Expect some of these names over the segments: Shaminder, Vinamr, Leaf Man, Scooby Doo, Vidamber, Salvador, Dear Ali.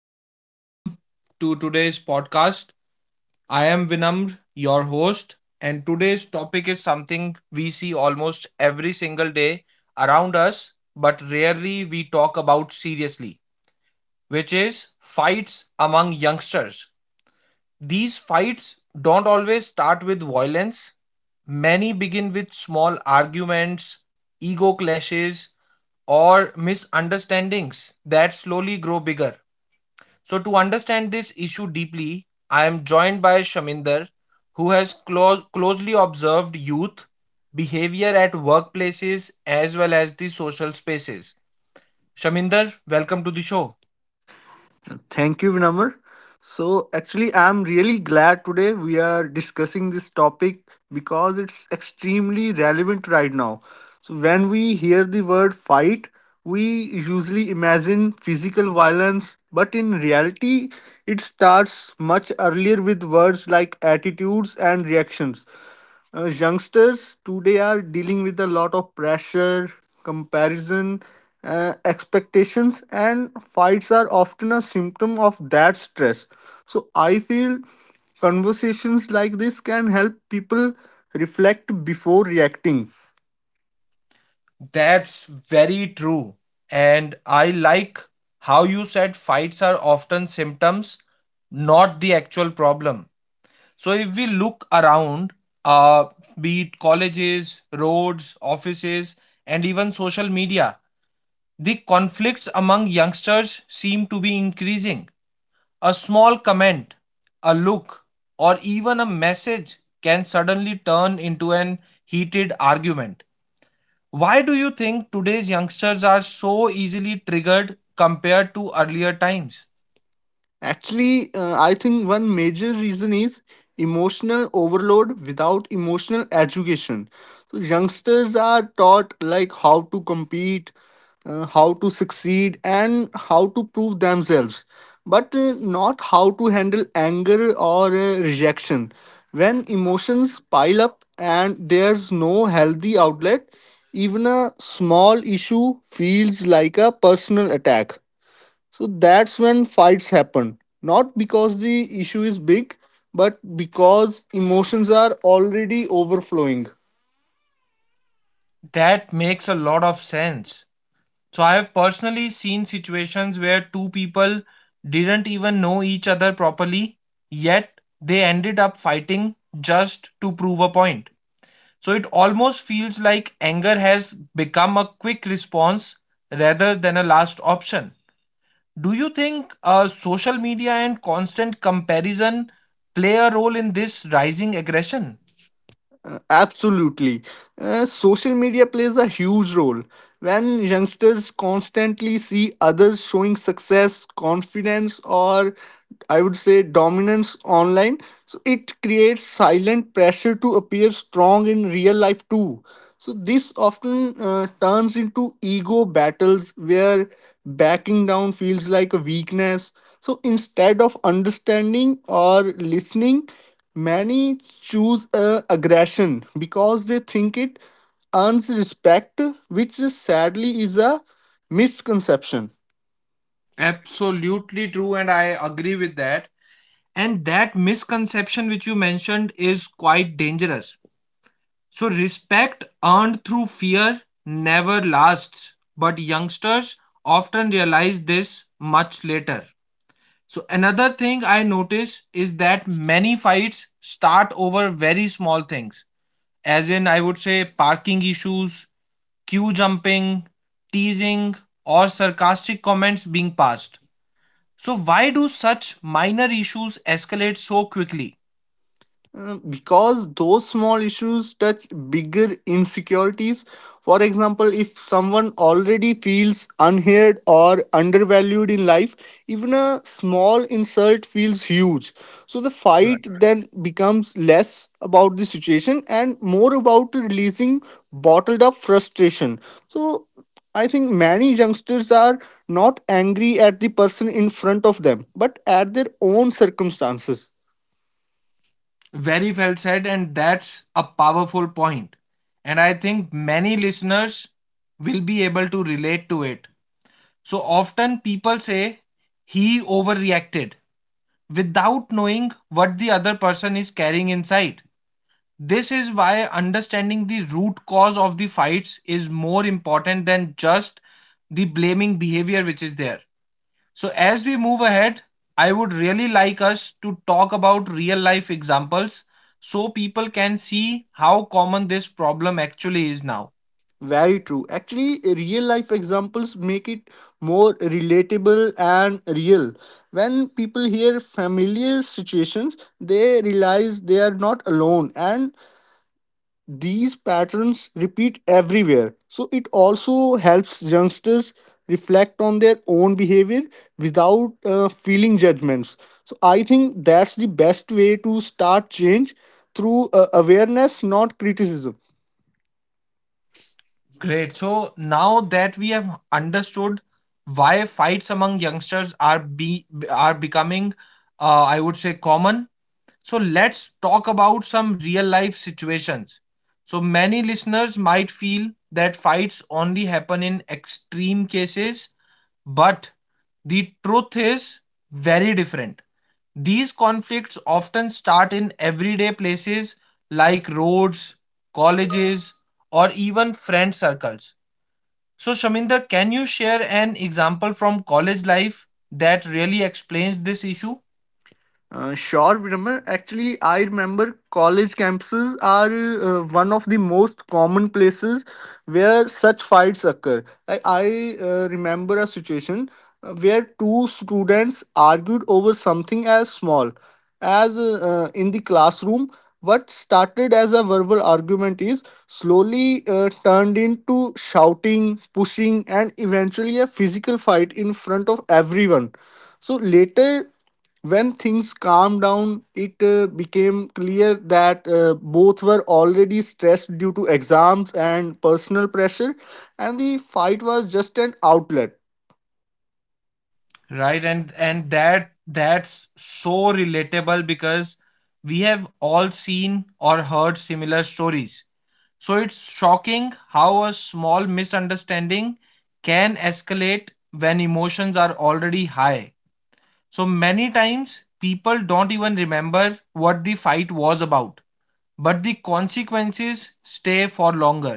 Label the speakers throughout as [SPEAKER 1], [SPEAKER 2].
[SPEAKER 1] and welcome to today's podcast. I am Vinamr, your host, and today's topic is something we see almost every single day around us, but rarely we talk about seriously, which is fights among youngsters. These fights don't always start with violence, many begin with small arguments, ego clashes, or misunderstandings that slowly grow bigger. So, to understand this issue deeply, I am joined by Shaminder, who has closely observed youth behavior at workplaces as well as the social spaces. Shaminder, welcome to the show.
[SPEAKER 2] Thank you, Vinamr. So, actually, I'm really glad today we are discussing this topic because it's extremely relevant right now. So, when we hear the word fight, we usually imagine physical violence, but in reality, it starts much earlier with words like attitudes and reactions. Youngsters today are dealing with a lot of pressure, comparison, expectations, and fights are often a symptom of that stress. So I feel conversations like this can help people reflect before reacting.
[SPEAKER 1] That's very true. And I like how you said fights are often symptoms, not the actual problem. So, if we look around, uh, be it colleges, roads, offices, and even social media, the conflicts among youngsters seem to be increasing. A small comment, a look, or even a message can suddenly turn into an heated argument. Why do you think today's youngsters are so easily triggered compared to earlier times?
[SPEAKER 2] Actually, I think one major reason is emotional overload without emotional education. So youngsters are taught like how to compete, how to succeed, and how to prove themselves, but not how to handle anger or rejection. When emotions pile up and there's no healthy outlet, even a small issue feels like a personal attack. So that's when fights happen. Not because the issue is big, but because emotions are already overflowing.
[SPEAKER 1] That makes a lot of sense. So, I have personally seen situations where two people didn't even know each other properly, yet they ended up fighting just to prove a point. So it almost feels like anger has become a quick response rather than a last option. Do you think social media and constant comparison play a role in this rising aggression?
[SPEAKER 2] Absolutely. Social media plays a huge role. When youngsters constantly see others showing success, confidence, or I would say dominance online, so it creates silent pressure to appear strong in real life too. So this often turns into ego battles where backing down feels like a weakness. So instead of understanding or listening, many choose aggression because they think it earns respect, which sadly is a misconception.
[SPEAKER 1] Absolutely true, and I agree with that. And that misconception which you mentioned is quite dangerous. So, respect earned through fear never lasts, but youngsters often realize this much later. So another thing I notice is that many fights start over very small things, as in I would say parking issues, queue jumping, teasing, or sarcastic comments being passed. So why do such minor issues escalate so quickly?
[SPEAKER 2] Because those small issues touch bigger insecurities. For example, if someone already feels unheard or undervalued in life, even a small insult feels huge. So the fight then becomes less about the situation and more about releasing bottled up frustration. So I think many youngsters are not angry at the person in front of them, but at their own circumstances.
[SPEAKER 1] Very well said, and that's a powerful point. And I think many listeners will be able to relate to it. So often people say he overreacted without knowing what the other person is carrying inside. This is why understanding the root cause of the fights is more important than just the blaming behavior which is there. So, as we move ahead, I would really like us to talk about real life examples so people can see how common this problem actually is now.
[SPEAKER 2] Very true. Actually, real life examples make it more relatable and real. When people hear familiar situations, they realize they are not alone, and these patterns repeat everywhere. So, it also helps youngsters reflect on their own behavior without feeling judgments. So, I think that's the best way to start change through awareness, not criticism.
[SPEAKER 1] Great. So, now that we have understood why fights among youngsters are becoming I would say common. So let's talk about some real life situations. So many listeners might feel that fights only happen in extreme cases, but the truth is very different. These conflicts often start in everyday places like roads, colleges, or even friend circles. So, Shaminda, can you share an example from college life that really explains this issue?
[SPEAKER 2] Sure, Viramar. Actually, I remember college campuses are one of the most common places where such fights occur. Like I remember a situation where two students argued over something as small as in the classroom. What started as a verbal argument is slowly turned into shouting, pushing, and eventually a physical fight in front of everyone. So later, when things calmed down, it became clear that both were already stressed due to exams and personal pressure, and the fight was just an outlet.
[SPEAKER 1] Right, and that's so relatable because we have all seen or heard similar stories. So it's shocking how a small misunderstanding can escalate when emotions are already high. So many times people don't even remember what the fight was about, but the consequences stay for longer.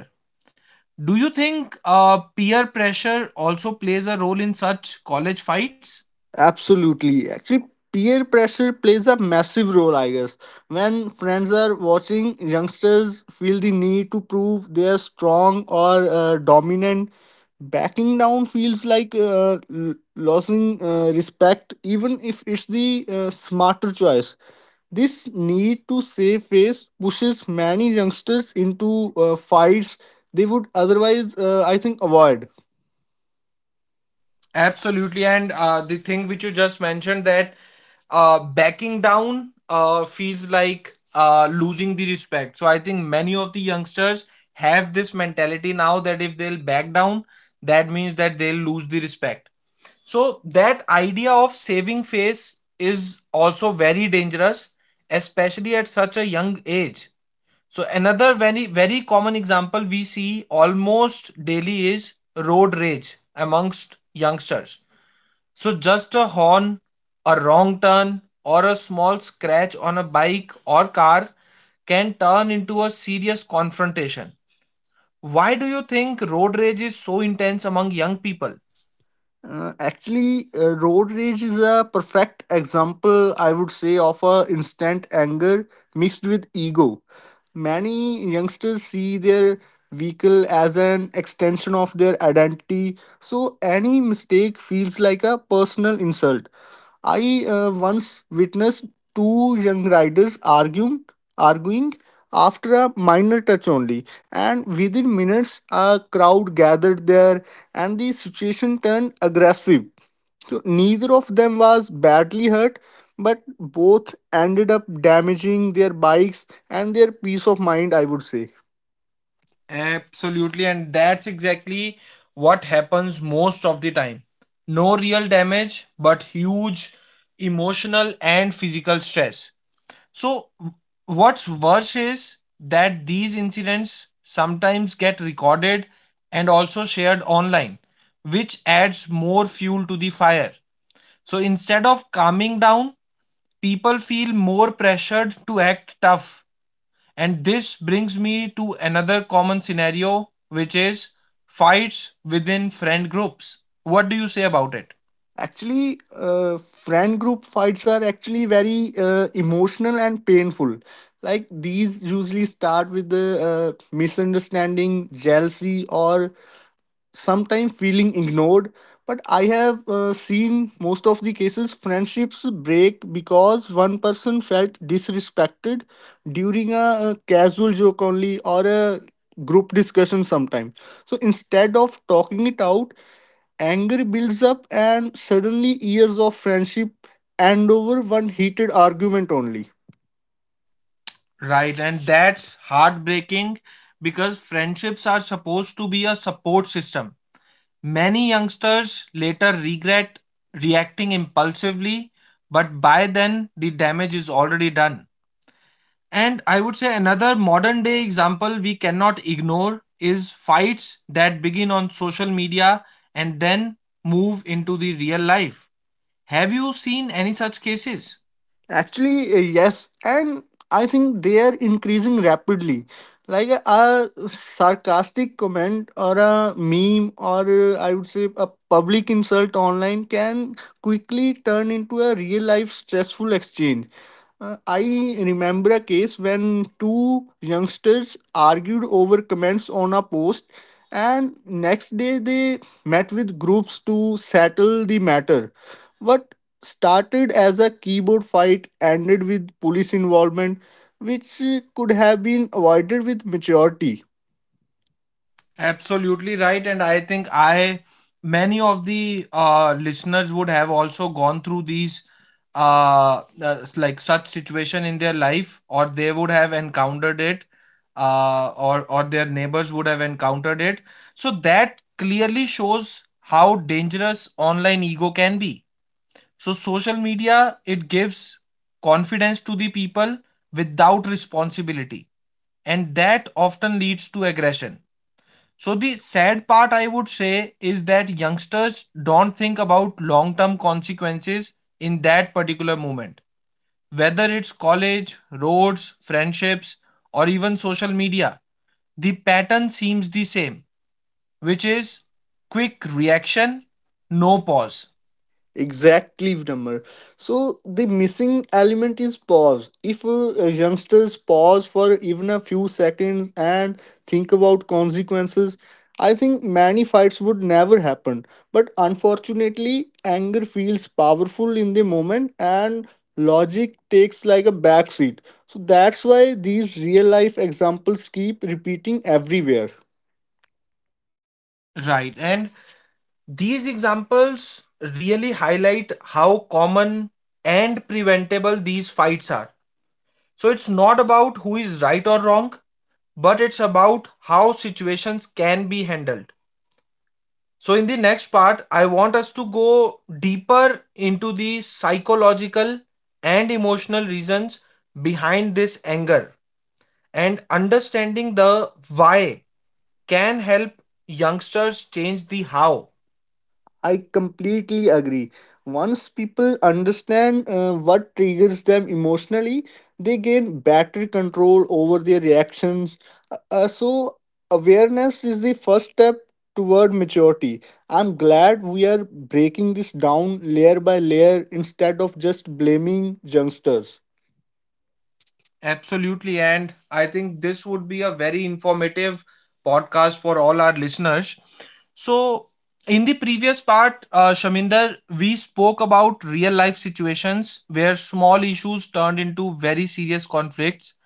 [SPEAKER 1] Do you think peer pressure also plays a role in such college fights?
[SPEAKER 2] Absolutely. Actually, peer pressure plays a massive role, I guess. When friends are watching, youngsters feel the need to prove they are strong or dominant. Backing down feels like losing respect, even if it's the smarter choice. This need to save face pushes many youngsters into fights they would otherwise, I think, avoid.
[SPEAKER 1] Absolutely, and the thing which you just mentioned that backing down feels like losing the respect. So I think many of the youngsters have this mentality now that if they'll back down, that means that they'll lose the respect. So that idea of saving face is also very dangerous, especially at such a young age. So another very common example we see almost daily is road rage amongst youngsters. So, just a horn, a wrong turn, or a small scratch on a bike or car can turn into a serious confrontation. Why do you think road rage is so intense among young people?
[SPEAKER 2] Actually, road rage is a perfect example, I would say, of a instant anger mixed with ego. Many youngsters see their vehicle as an extension of their identity, so any mistake feels like a personal insult. I once witnessed two young riders arguing after a minor touch only, and within minutes a crowd gathered there and the situation turned aggressive. So neither of them was badly hurt, but both ended up damaging their bikes and their peace of mind, I would say.
[SPEAKER 1] Absolutely, and that's exactly what happens most of the time. No real damage, but huge emotional and physical stress. So, what's worse is that these incidents sometimes get recorded and also shared online, which adds more fuel to the fire. So, instead of calming down, people feel more pressured to act tough. And this brings me to another common scenario, which is fights within friend groups. What do you say about it?
[SPEAKER 2] Actually, friend group fights are actually very emotional and painful. Like, these usually start with the misunderstanding, jealousy, or sometimes feeling ignored. But I have seen most of the cases friendships break because one person felt disrespected during a, casual joke only, or a group discussion sometime. So instead of talking it out, anger builds up, and suddenly years of friendship end over one heated argument only.
[SPEAKER 1] Right, and that's heartbreaking because friendships are supposed to be a support system. Many youngsters later regret reacting impulsively, but by then the damage is already done. And I would say another modern day example we cannot ignore is fights that begin on social media and then move into the real life. Have you seen any such cases?
[SPEAKER 2] Actually, yes, and I think they are increasing rapidly. Like a sarcastic comment or a meme or I would say a public insult online can quickly turn into a real life stressful exchange. I remember a case when two youngsters argued over comments on a post, and next day they met with groups to settle the matter. What started as a keyboard fight ended with police involvement, which could have been avoided with maturity.
[SPEAKER 1] Absolutely right. And I think many of the listeners would have also gone through these, like such situation in their life, or they would have encountered it, or their neighbors would have encountered it. So that clearly shows how dangerous online ego can be. So social media, it gives confidence to the people without responsibility, and that often leads to aggression. So the sad part I would say is that youngsters don't think about long-term consequences in that particular moment. Whether it's college, roads, friendships, or even social media, the pattern seems the same, which is quick reaction, no pause.
[SPEAKER 2] Exactly, Vidamber. So the missing element is pause. If youngsters pause for even a few seconds and think about consequences, I think many fights would never happen. But unfortunately, anger feels powerful in the moment and logic takes like a backseat. So that's why these real life examples keep repeating everywhere.
[SPEAKER 1] Right, and these examples really highlight how common and preventable these fights are. So it's not about who is right or wrong, but it's about how situations can be handled. So, in the next part, I want us to go deeper into the psychological and emotional reasons behind this anger, and understanding the why can help youngsters change the how.
[SPEAKER 2] I completely agree. Once people understand what triggers them emotionally, they gain better control over their reactions. So, awareness is the first step toward maturity. I'm glad we are breaking this down layer by layer instead of just blaming youngsters.
[SPEAKER 1] Absolutely. And I think this would be a very informative podcast for all our listeners. So, in the previous part, Shaminder, we spoke about real life situations where small issues turned into very serious conflicts.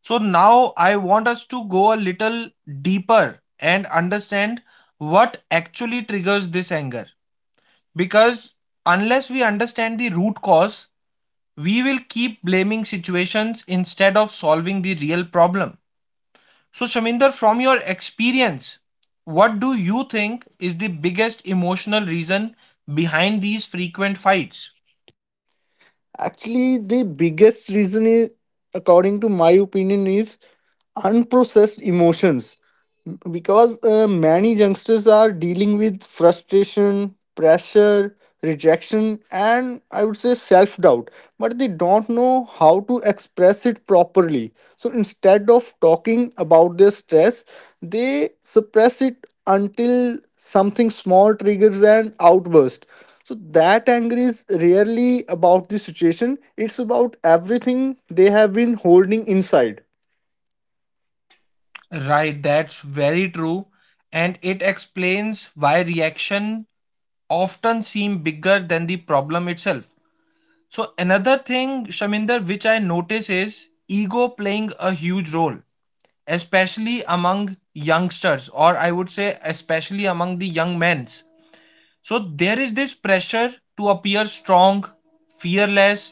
[SPEAKER 1] So, now I want us to go a little deeper and understand what actually triggers this anger. Because unless we understand the root cause, we will keep blaming situations instead of solving the real problem. So, Shaminder, from your experience, what do you think is the biggest emotional reason behind these frequent fights?
[SPEAKER 2] Actually, the biggest reason is, according to my opinion, is unprocessed emotions, because many youngsters are dealing with frustration, pressure, rejection, and I would say self doubt. But they don't know how to express it properly, so instead of talking about their stress, they suppress it until something small triggers an outburst. So that anger is rarely about the situation; it's about everything they have been holding inside.
[SPEAKER 1] Right, that's very true. And it explains why reaction often seem bigger than the problem itself. So another thing, Shaminder, which I notice is ego playing a huge role, especially among youngsters, or I would say especially among the young men's. So there is this pressure to appear strong, fearless,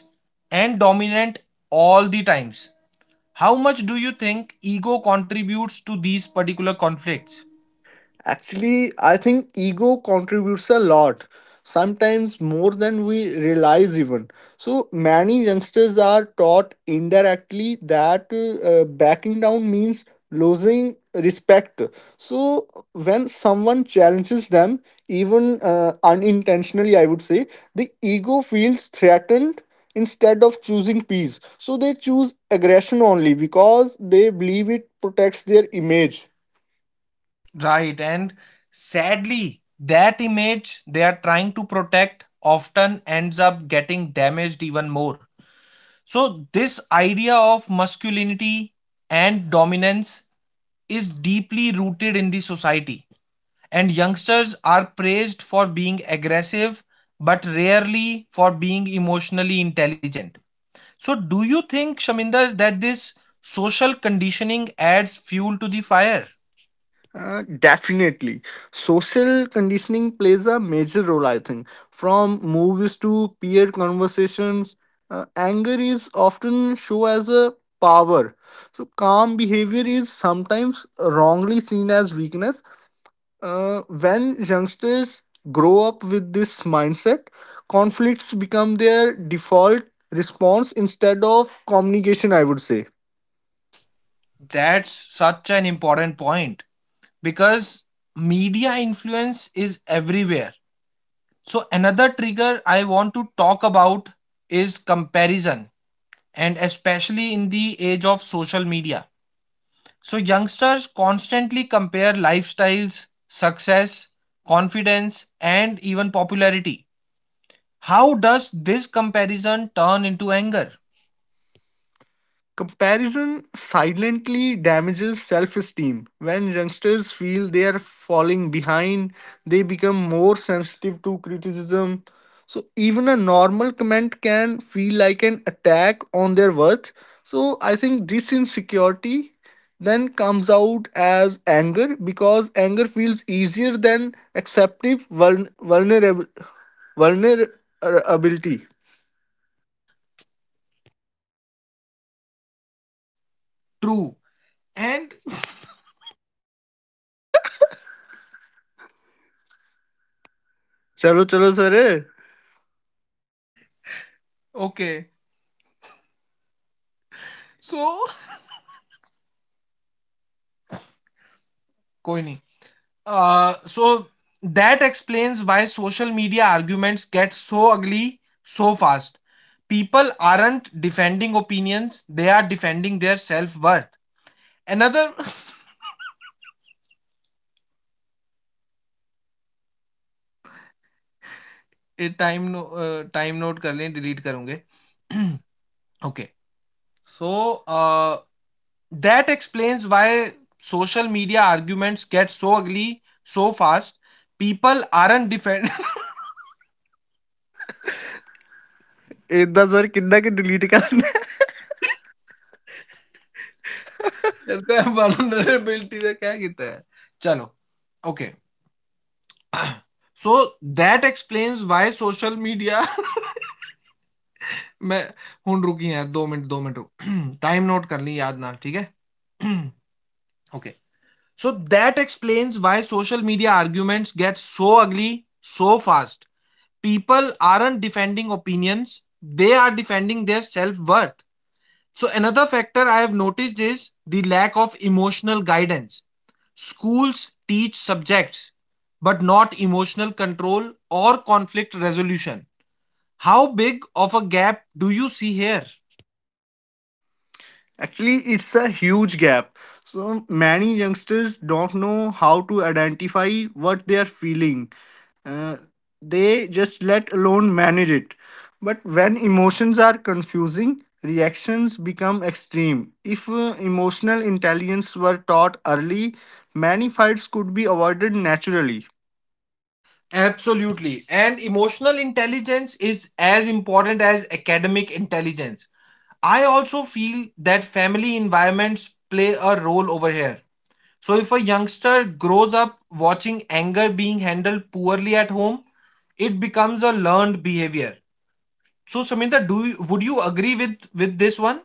[SPEAKER 1] and dominant all the times. How much do you think ego contributes to these particular conflicts?
[SPEAKER 2] Actually, I think ego contributes a lot, sometimes more than we realize even. So many youngsters are taught indirectly that backing down means losing respect. So when someone challenges them, even unintentionally, I would say, the ego feels threatened instead of choosing peace. So they choose aggression only because they believe it protects their image.
[SPEAKER 1] Right, and sadly that image they are trying to protect often ends up getting damaged even more. So this idea of masculinity and dominance is deeply rooted in the society, and youngsters are praised for being aggressive but rarely for being emotionally intelligent. So, do you think, Shaminder, that this social conditioning adds fuel to the fire?
[SPEAKER 2] Definitely. Social conditioning plays a major role, I think. From movies to peer conversations, anger is often shown as a power. So, calm behavior is sometimes wrongly seen as weakness. When youngsters grow up with this mindset, conflicts become their default response instead of communication, I would say.
[SPEAKER 1] That's such an important point because media influence is everywhere. So, another trigger I want to talk about is comparison, and especially in the age of social media. So youngsters constantly compare lifestyles, success, confidence, and even popularity. How does this comparison turn into anger?
[SPEAKER 2] Comparison silently damages self esteem. When youngsters feel they are falling behind, they become more sensitive to criticism. So, even a normal comment can feel like an attack on their worth. So, I think this insecurity then comes out as anger, because anger feels easier than acceptive vulnerability.
[SPEAKER 1] True. And
[SPEAKER 2] चलो चलो सरे
[SPEAKER 1] okay, so कोई नहीं. So that explains why social media arguments get so ugly so fast. People aren't defending opinions; they are defending their self worth. Another time time no, time note कर लें Delete करूंगे Okay. So that explains why social media arguments get so ugly so fast. People aren't defend.
[SPEAKER 2] ਇਦਾਂ sir ਕਿੰਨਾ ਕਿ delete ਕਰ.
[SPEAKER 1] कहते हैं vulnerability से क्या कहते हैं चलो okay so that explains why social media मैं हूं रुकी यार दो मिनट रुक टाइम नोट कर ली याद ना ठीक है okay so that explains why social media arguments get so अगली so fast. People aren't defending opinions, they are defending their self worth. So, another factor I have noticed is the lack of emotional guidance. Schools teach subjects, but not emotional control or conflict resolution. How big of a gap do you see here?
[SPEAKER 2] Actually, it's a huge gap. So many youngsters don't know how to identify what they are feeling. Uh, they just let alone manage it. But when emotions are confusing, reactions become extreme. If emotional intelligence were taught early, many fights could be avoided naturally.
[SPEAKER 1] Absolutely. And emotional intelligence is as important as academic intelligence. I also feel that family environments play a role over here. So, if a youngster grows up watching anger being handled poorly at home, it becomes a learned behavior. So, Samita, would you agree with this one?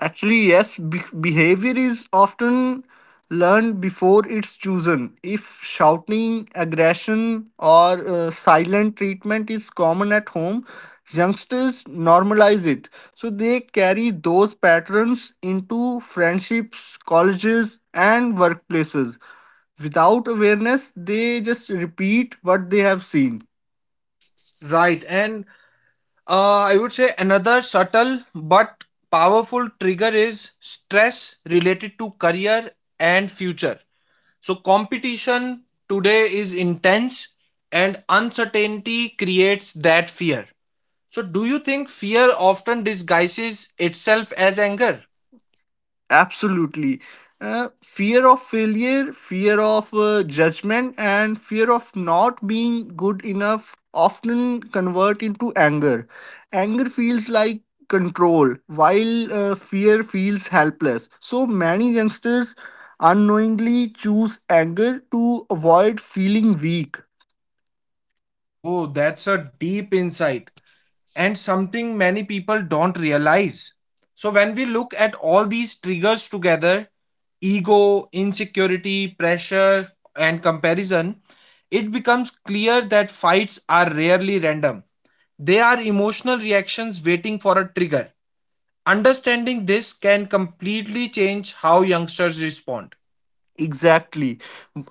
[SPEAKER 2] Actually, yes, behavior is often learned before it's chosen. If shouting, aggression, or silent treatment is common at home, youngsters normalize it. So they carry those patterns into friendships, colleges, and workplaces. Without awareness, they just repeat what they have seen.
[SPEAKER 1] Right, and I would say another subtle but powerful trigger is stress related to career and future. So, competition today is intense, and uncertainty creates that fear. So, do you think fear often disguises itself as anger?
[SPEAKER 2] Absolutely. Fear of failure, fear of judgment, and fear of not being good enough often convert into anger. Anger feels like control, while fear feels helpless. So many youngsters unknowingly choose anger to avoid feeling weak.
[SPEAKER 1] Oh, that's a deep insight and something many people don't realize. So, when we look at all these triggers together, ego, insecurity, pressure, and comparison, it becomes clear that fights are rarely random. They are emotional reactions waiting for a trigger. Understanding this can completely change how youngsters respond.
[SPEAKER 2] Exactly.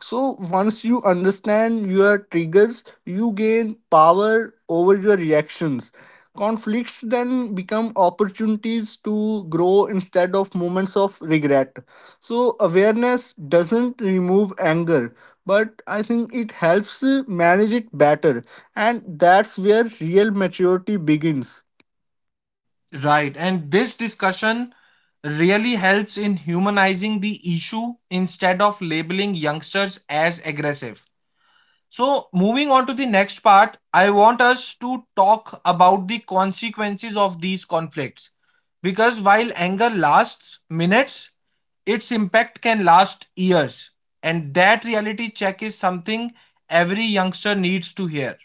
[SPEAKER 2] So once you understand your triggers, you gain power over your reactions. Conflicts then become opportunities to grow instead of moments of regret. So awareness doesn't remove anger, but I think it helps manage it better. And that's where real maturity begins.
[SPEAKER 1] Right. And this discussion really helps in humanizing the issue instead of labeling youngsters as aggressive. So, moving on to the next part, I want us to talk about the consequences of these conflicts. Because while anger lasts minutes, its impact can last years. And that reality check is something every youngster needs to hear.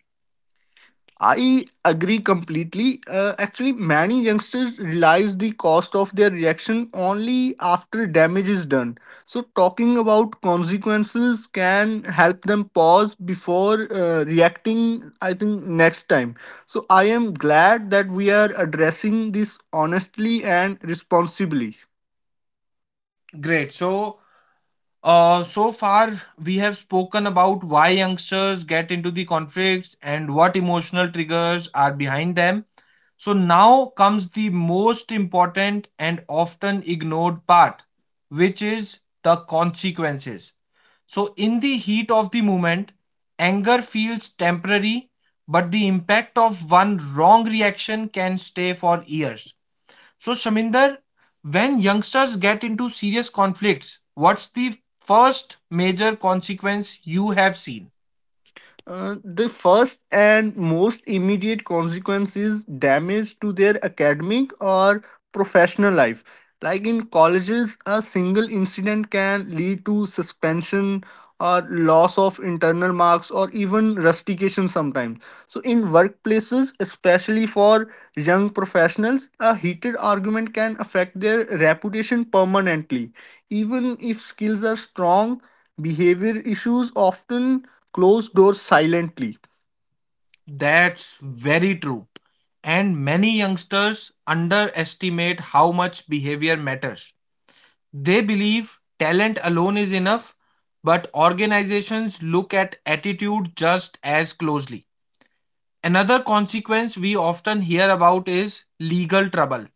[SPEAKER 2] I agree completely. Actually, many youngsters realize the cost of their reaction only after damage is done. So, talking about consequences can help them pause before reacting, I think, next time. So, I am glad that we are addressing this honestly and responsibly.
[SPEAKER 1] Great. So far, we have spoken about why youngsters get into the conflicts and what emotional triggers are behind them. So now comes the most important and often ignored part, which is the consequences. So, in the heat of the moment, anger feels temporary, but the impact of one wrong reaction can stay for years. So, Shaminder, when youngsters get into serious conflicts, what's the first major consequence you have seen?
[SPEAKER 2] The first and most immediate consequence is damage to their academic or professional life. Like in colleges, a single incident can lead to suspension, loss of internal marks, or even rustication sometimes. So in workplaces, especially for young professionals, a heated argument can affect their reputation permanently. Even if skills are strong, behavior issues often close doors silently.
[SPEAKER 1] That's very true. And many youngsters underestimate how much behavior matters. They believe talent alone is enough, but organizations look at attitude just as closely. Another consequence we often hear about is legal trouble.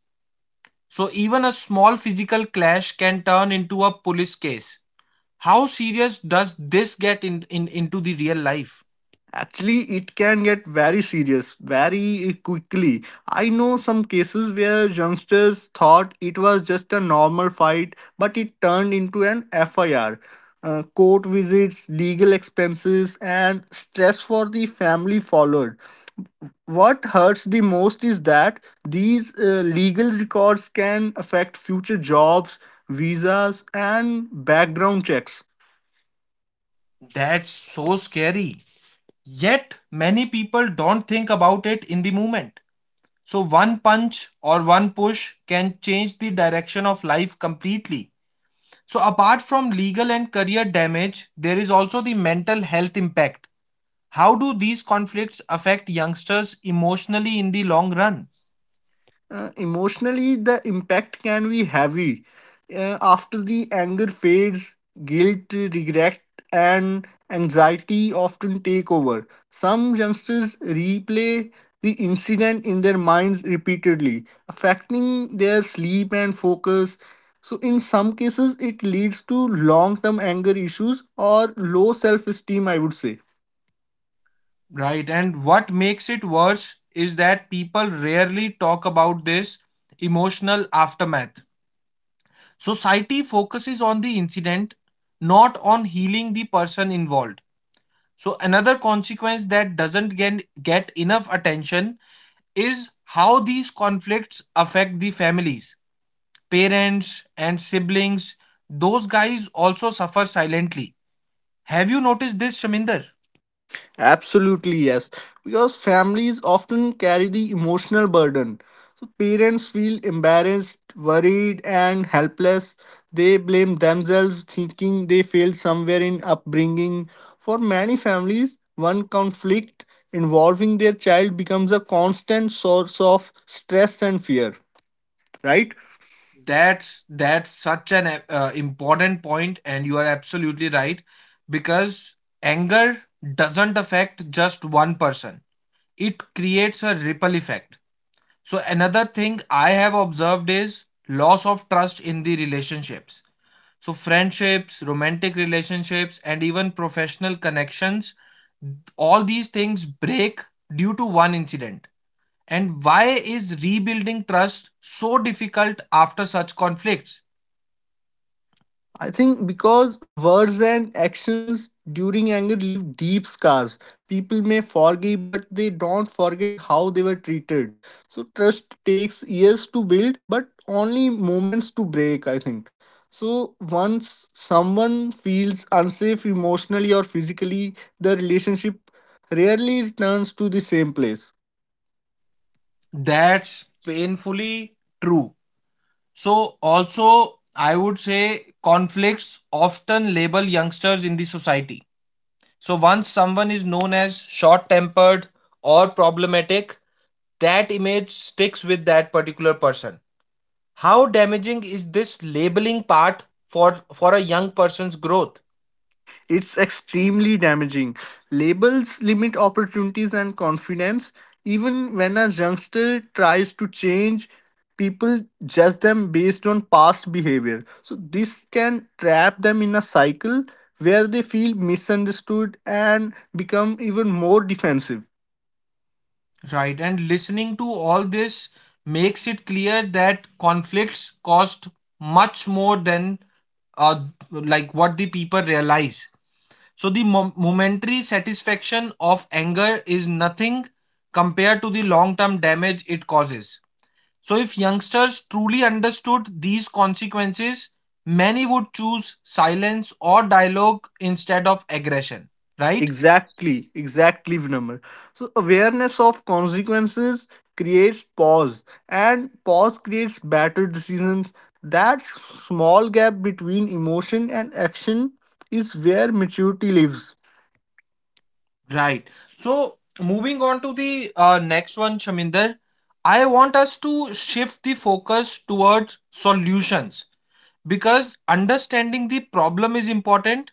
[SPEAKER 1] So even a small physical clash can turn into a police case. How serious does this get in into the real life?
[SPEAKER 2] Actually, it can get very serious very quickly. I know some cases where youngsters thought it was just a normal fight, but it turned into an FIR. Court visits, legal expenses, and stress for the family followed. What hurts the most is that these legal records can affect future jobs, visas, and background checks.
[SPEAKER 1] That's so scary. Yet many people don't think about it in the moment. So one punch or one push can change the direction of life completely. So apart from legal and career damage, there is also the mental health impact. How do these conflicts affect youngsters emotionally in the long run?
[SPEAKER 2] Emotionally, the impact can be heavy. After the anger fades, guilt, regret, and anxiety often take over. Some youngsters replay the incident in their minds repeatedly, affecting their sleep and focus. So, in some cases, it leads to long term anger issues or low self esteem, I would say.
[SPEAKER 1] Right. And what makes it worse is that people rarely talk about this emotional aftermath. Society focuses on the incident, not on healing the person involved. So, another consequence that doesn't get enough attention is how these conflicts affect the families. Parents and siblings, those guys also suffer silently. Have you noticed this, Shaminder?
[SPEAKER 2] Absolutely, yes. Because families often carry the emotional burden. So parents feel embarrassed, worried, and helpless. They blame themselves, thinking they failed somewhere in upbringing. For many families, one conflict involving their child becomes a constant source of stress and fear, right?
[SPEAKER 1] That's such an important point, and you are absolutely right, because anger doesn't affect just one person, it creates a ripple effect. So another thing I have observed is loss of trust in the relationships. So friendships, romantic relationships, and even professional connections, all these things break due to one incident. And why is rebuilding trust so difficult after such conflicts?
[SPEAKER 2] I think because words and actions during anger leave deep scars. People may forgive, but they don't forget how they were treated. So trust takes years to build, but only moments to break, I think. So once someone feels unsafe emotionally or physically, the relationship rarely returns to the same place.
[SPEAKER 1] That's painfully true. So, also, I would say conflicts often label youngsters in the society. So, once someone is known as short tempered or problematic, that image sticks with that particular person. How damaging is this labeling part for a young person's growth?
[SPEAKER 2] It's extremely damaging. Labels limit opportunities and confidence. Even when a youngster tries to change, people judge them based on past behavior. So, this can trap them in a cycle where they feel misunderstood and become even more defensive.
[SPEAKER 1] Right, and listening to all this makes it clear that conflicts cost much more than uh, like what the people realize. So the momentary satisfaction of anger is nothing compared to the long-term damage it causes. So if youngsters truly understood these consequences, many would choose silence or dialogue instead of aggression, right?
[SPEAKER 2] Exactly, Vinamr. So, awareness of consequences creates pause, and pause creates better decisions. That small gap between emotion and action is where maturity lives.
[SPEAKER 1] Right. So moving on to the next one, Shaminder, I want us to shift the focus towards solutions, because understanding the problem is important,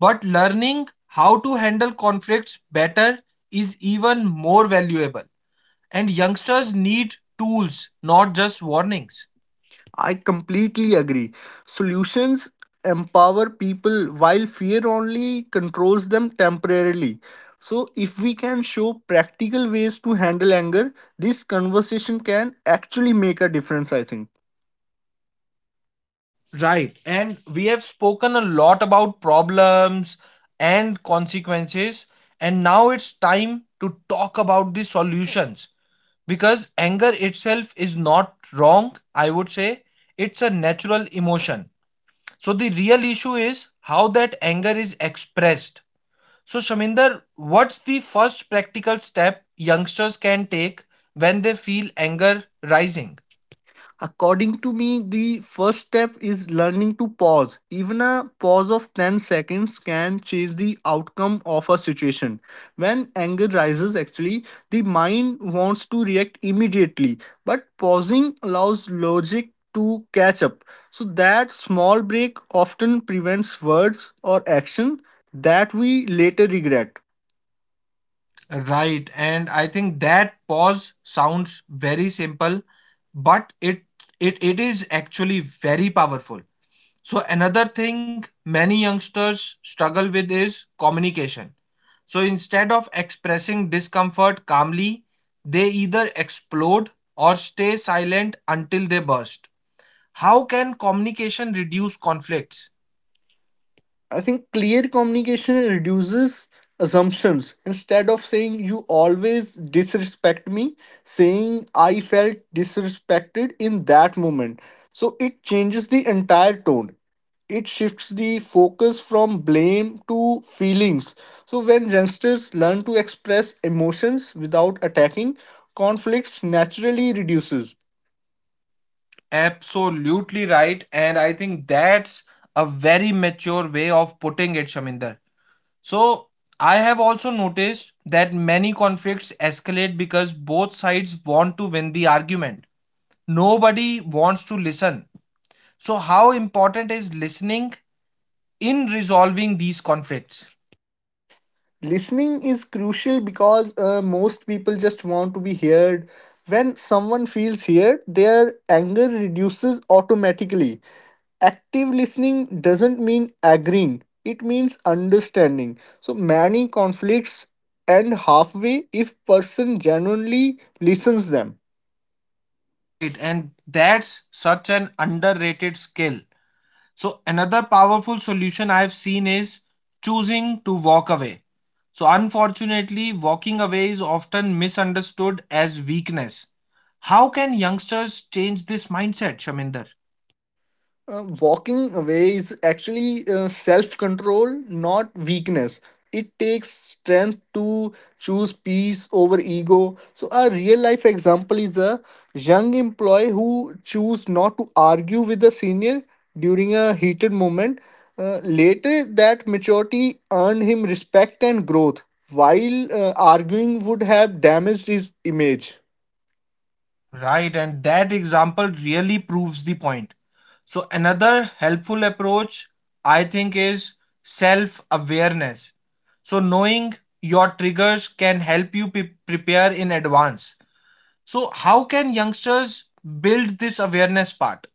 [SPEAKER 1] but learning how to handle conflicts better is even more valuable. And youngsters need tools, not just warnings.
[SPEAKER 2] I completely agree. Solutions empower people while fear only controls them temporarily. So, if we can show practical ways to handle anger, this conversation can actually make a difference, I think.
[SPEAKER 1] Right. And we have spoken a lot about problems and consequences. And now it's time to talk about the solutions, because anger itself is not wrong, I would say. It's a natural emotion. So the real issue is how that anger is expressed. So Shaminder, what's the first practical step youngsters can take when they feel anger rising?
[SPEAKER 2] According to me, the first step is learning to pause. Even a pause of 10 seconds can change the outcome of a situation. When anger rises, actually, the mind wants to react immediately, but pausing allows logic to catch up. So, that small break often prevents words or action that we later regret.
[SPEAKER 1] Right, and I think that pause sounds very simple, but it is actually very powerful. So, another thing many youngsters struggle with is communication. So, instead of expressing discomfort calmly, they either explode or stay silent until they burst. How can communication reduce conflicts?
[SPEAKER 2] I think clear communication reduces assumptions. Instead of saying you always disrespect me, saying I felt disrespected in that moment. So it changes the entire tone. It shifts the focus from blame to feelings. So when youngsters learn to express emotions without attacking, conflicts naturally reduces.
[SPEAKER 1] Absolutely right. And I think that's a very mature way of putting it, Shaminder. So, I have also noticed that many conflicts escalate because both sides want to win the argument, nobody wants to listen. So, how important is listening in resolving these conflicts?
[SPEAKER 2] Listening is crucial because most people just want to be heard. When someone feels heard, their anger reduces automatically. Active listening doesn't mean agreeing, it means understanding. So many conflicts end halfway if person genuinely listens them.
[SPEAKER 1] Right, and that's such an underrated skill. So, another powerful solution I've seen is choosing to walk away. So, unfortunately, walking away is often misunderstood as weakness. How can youngsters change this mindset, Shaminder?
[SPEAKER 2] Walking away is actually self control, not weakness. It takes strength to choose peace over ego. So, a real life example is a young employee who chose not to argue with the senior during a heated moment. Later, that maturity earned him respect and growth, while arguing would have damaged his image.
[SPEAKER 1] Right, and that example really proves the point. So, another helpful approach I think is self awareness. So, knowing your triggers can help you prepare in advance. So, how can youngsters build this awareness part?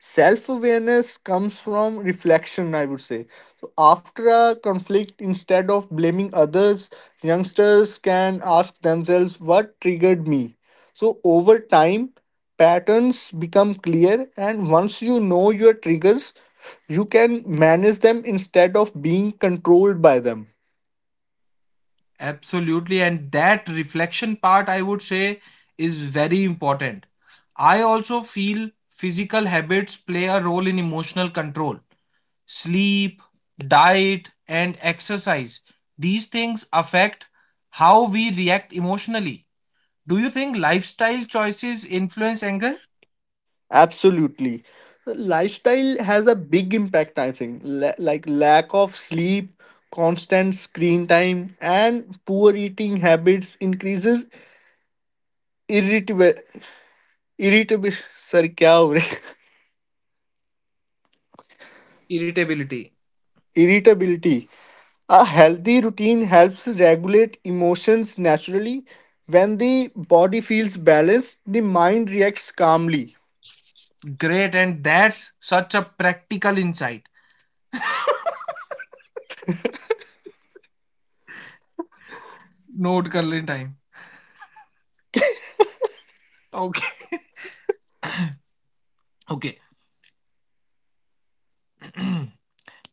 [SPEAKER 2] Self awareness comes from reflection, I would say. So, after a conflict, instead of blaming others, youngsters can ask themselves, what triggered me? So, over time, patterns become clear, and once you know your triggers, you can manage them instead of being controlled by them.
[SPEAKER 1] Absolutely, and that reflection part, I would say, is very important. I also feel physical habits play a role in emotional control. Sleep, diet, and exercise. These things affect how we react emotionally. Do you think lifestyle choices influence anger?
[SPEAKER 2] Absolutely. Lifestyle has a big impact, I think. Like lack of sleep, constant screen time, and poor eating habits increases irritable, irritable, sir, क्या हो रहा है?
[SPEAKER 1] Irritability.
[SPEAKER 2] Irritability. A healthy routine helps regulate emotions naturally. When the body feels balanced, the mind reacts calmly.
[SPEAKER 1] Great, and that's such a practical insight. Note कर लें time. Okay. Okay.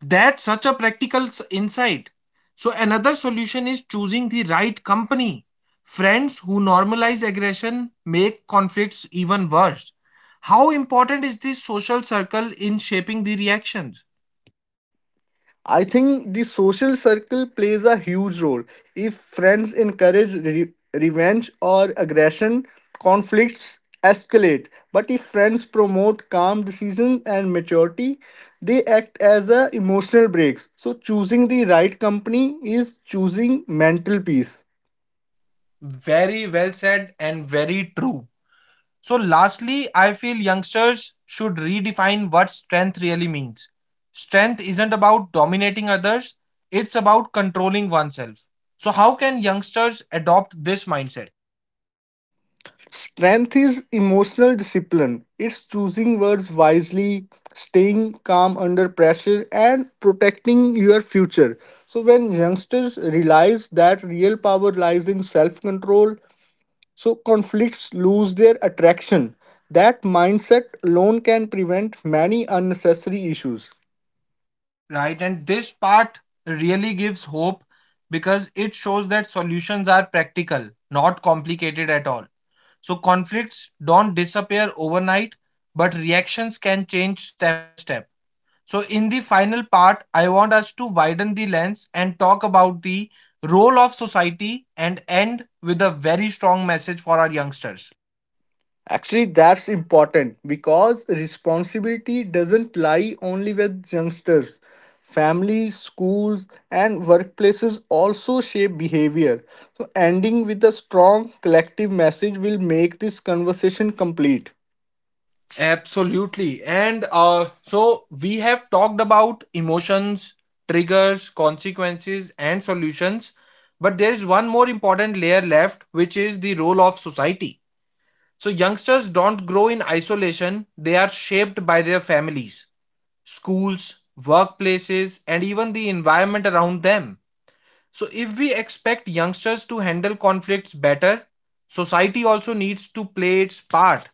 [SPEAKER 1] That's such a practical insight. So, another solution is choosing the right company. Friends who normalize aggression make conflicts even worse. How important is this social circle in shaping the reactions?
[SPEAKER 2] I think the social circle plays a huge role. If friends encourage revenge or aggression, conflicts escalate. But if friends promote calm decisions and maturity, they act as a emotional breaks. So choosing the right company is choosing mental peace.
[SPEAKER 1] Very well said and very true. So, lastly, I feel youngsters should redefine what strength really means. Strength isn't about dominating others, it's about controlling oneself. So, how can youngsters adopt this mindset?
[SPEAKER 2] Strength is emotional discipline. It's choosing words wisely, staying calm under pressure, and protecting your future. So, when youngsters realize that real power lies in self control, so conflicts lose their attraction. That mindset alone can prevent many unnecessary issues.
[SPEAKER 1] Right. And this part really gives hope, because it shows that solutions are practical, not complicated at all. So conflicts don't disappear overnight, but reactions can change step by step. So, in the final part, I want us to widen the lens and talk about the role of society and end with a very strong message for our youngsters.
[SPEAKER 2] Actually, that's important because responsibility doesn't lie only with youngsters. Families, schools, and workplaces also shape behavior. So, ending with a strong collective message will make this conversation complete.
[SPEAKER 1] Absolutely. And so we have talked about emotions, triggers, consequences, and solutions. But there is one more important layer left, which is the role of society. So youngsters don't grow in isolation, they are shaped by their families, schools, workplaces, and even the environment around them. So, if we expect youngsters to handle conflicts better, society also needs to play its part.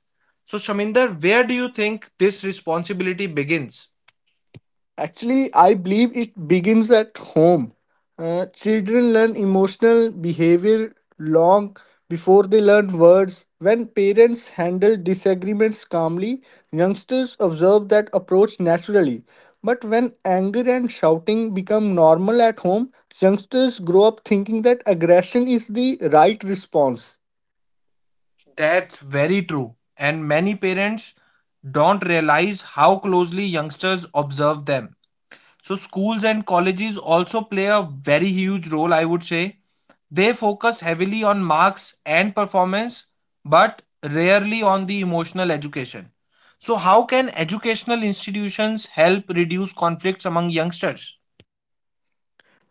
[SPEAKER 1] So, Shaminder, where do you think this responsibility begins?
[SPEAKER 2] Actually, I believe it begins at home. Children learn emotional behavior long before they learn words. When parents handle disagreements calmly, youngsters observe that approach naturally. But when anger and shouting become normal at home, youngsters grow up thinking that aggression is the right response.
[SPEAKER 1] That's very true. And many parents don't realize how closely youngsters observe them. So, schools and colleges also play a very huge role, I would say. They focus heavily on marks and performance, but rarely on the emotional education. So, how can educational institutions help reduce conflicts among youngsters?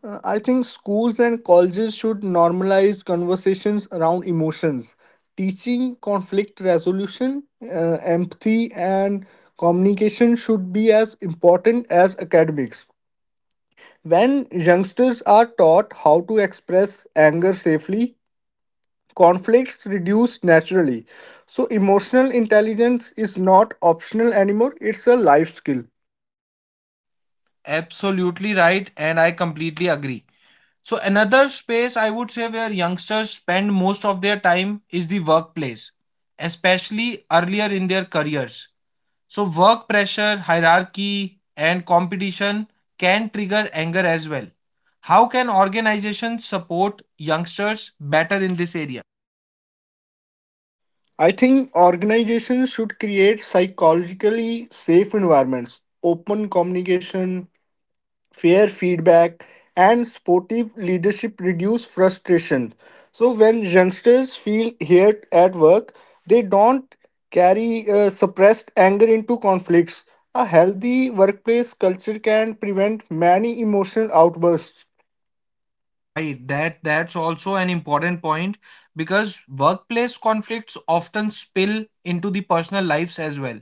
[SPEAKER 2] I think schools and colleges should normalize conversations around emotions, teaching conflict resolution, empathy, and communication should be as important as academics. When youngsters are taught how to express anger safely, conflicts reduce naturally. So, emotional intelligence is not optional anymore, it's a life skill.
[SPEAKER 1] Absolutely right, and I completely agree. So, another space I would say where youngsters spend most of their time is the workplace, especially earlier in their careers. So, work pressure, hierarchy, and competition can trigger anger as well. How can organizations support youngsters better in this area?
[SPEAKER 2] I think organizations should create psychologically safe environments, open communication, fair feedback, and sportive leadership reduce frustration. So when youngsters feel heard at work, they don't carry suppressed anger into conflicts. A healthy workplace culture can prevent many emotional outbursts.
[SPEAKER 1] Right, that's also an important point, because workplace conflicts often spill into the personal lives as well.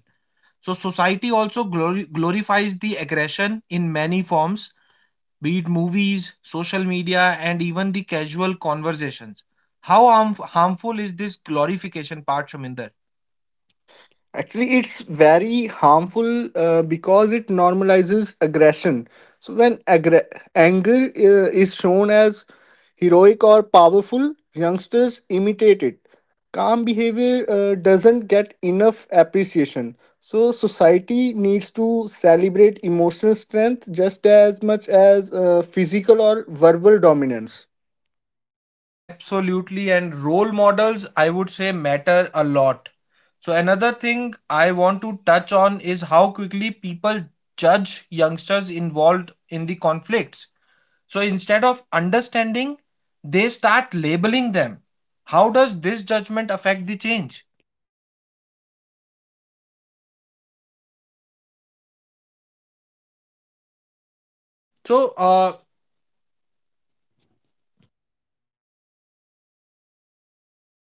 [SPEAKER 1] So society also glorifies the aggression in many forms, be it movies, social media, and even the casual conversations. How harmful is this glorification part, Shaminder?
[SPEAKER 2] Actually, it's very harmful because it normalizes aggression. So, when anger is shown as heroic or powerful, youngsters imitate it. Calm behavior doesn't get enough appreciation. So, society needs to celebrate emotional strength just as much as physical or verbal dominance.
[SPEAKER 1] Absolutely, and role models, I would say, matter a lot. So, another thing I want to touch on is how quickly people judge youngsters involved in the conflicts. So, instead of understanding, they start labeling them. How does this judgment affect the change?
[SPEAKER 2] I think judgment pushes youngsters further away from growth. When someone is constantly
[SPEAKER 1] So,
[SPEAKER 2] reminded
[SPEAKER 1] uh,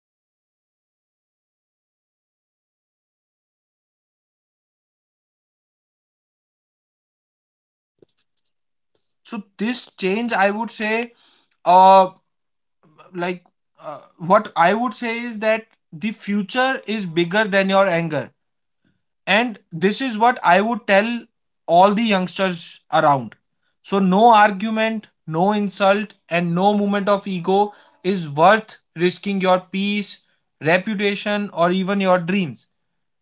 [SPEAKER 2] when someone is constantly reminded of their mistake, they stop trying to improve. So sport and guidance create
[SPEAKER 1] so
[SPEAKER 2] change.
[SPEAKER 1] this change, I would say, uh, like, what I would say is that the future is bigger than your anger, and this is what I would tell all the youngsters around. So no argument, no insult, and no moment of ego is worth risking your peace, reputation, or even your dreams.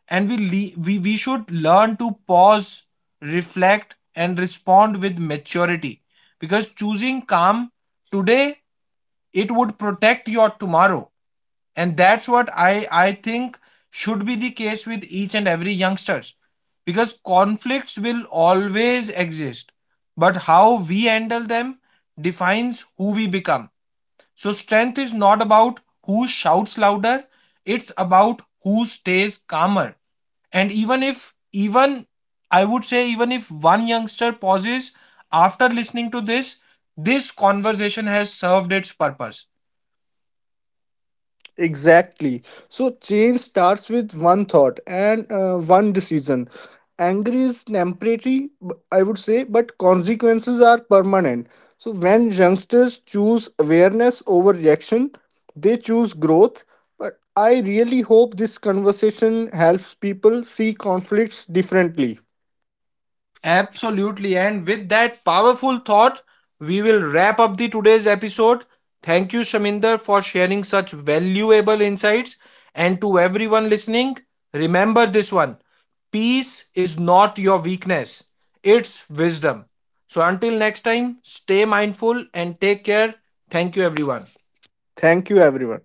[SPEAKER 1] And we should learn to pause, reflect, and respond with maturity, because choosing calm today, it would protect your tomorrow. And that's what I think should be the case with each and every youngsters, because conflicts will always exist, but how we handle them defines who we become. So strength is not about who shouts louder, it's about who stays calmer. And even if even I would say, even if one youngster pauses after listening to this, this conversation has served its purpose.
[SPEAKER 2] Exactly. So change starts with one thought and one decision. Anger is temporary, I would say, but consequences are permanent. So when youngsters choose awareness over reaction, they choose growth. But I really hope this conversation helps people see conflicts differently.
[SPEAKER 1] Absolutely. And with that powerful thought, we will wrap up the today's episode. Thank you, Shaminder, for sharing such valuable insights. And to everyone listening, remember this one, peace is not your weakness, it's wisdom. So until next time, stay mindful and take care. Thank you, everyone.
[SPEAKER 2] Thank you, everyone.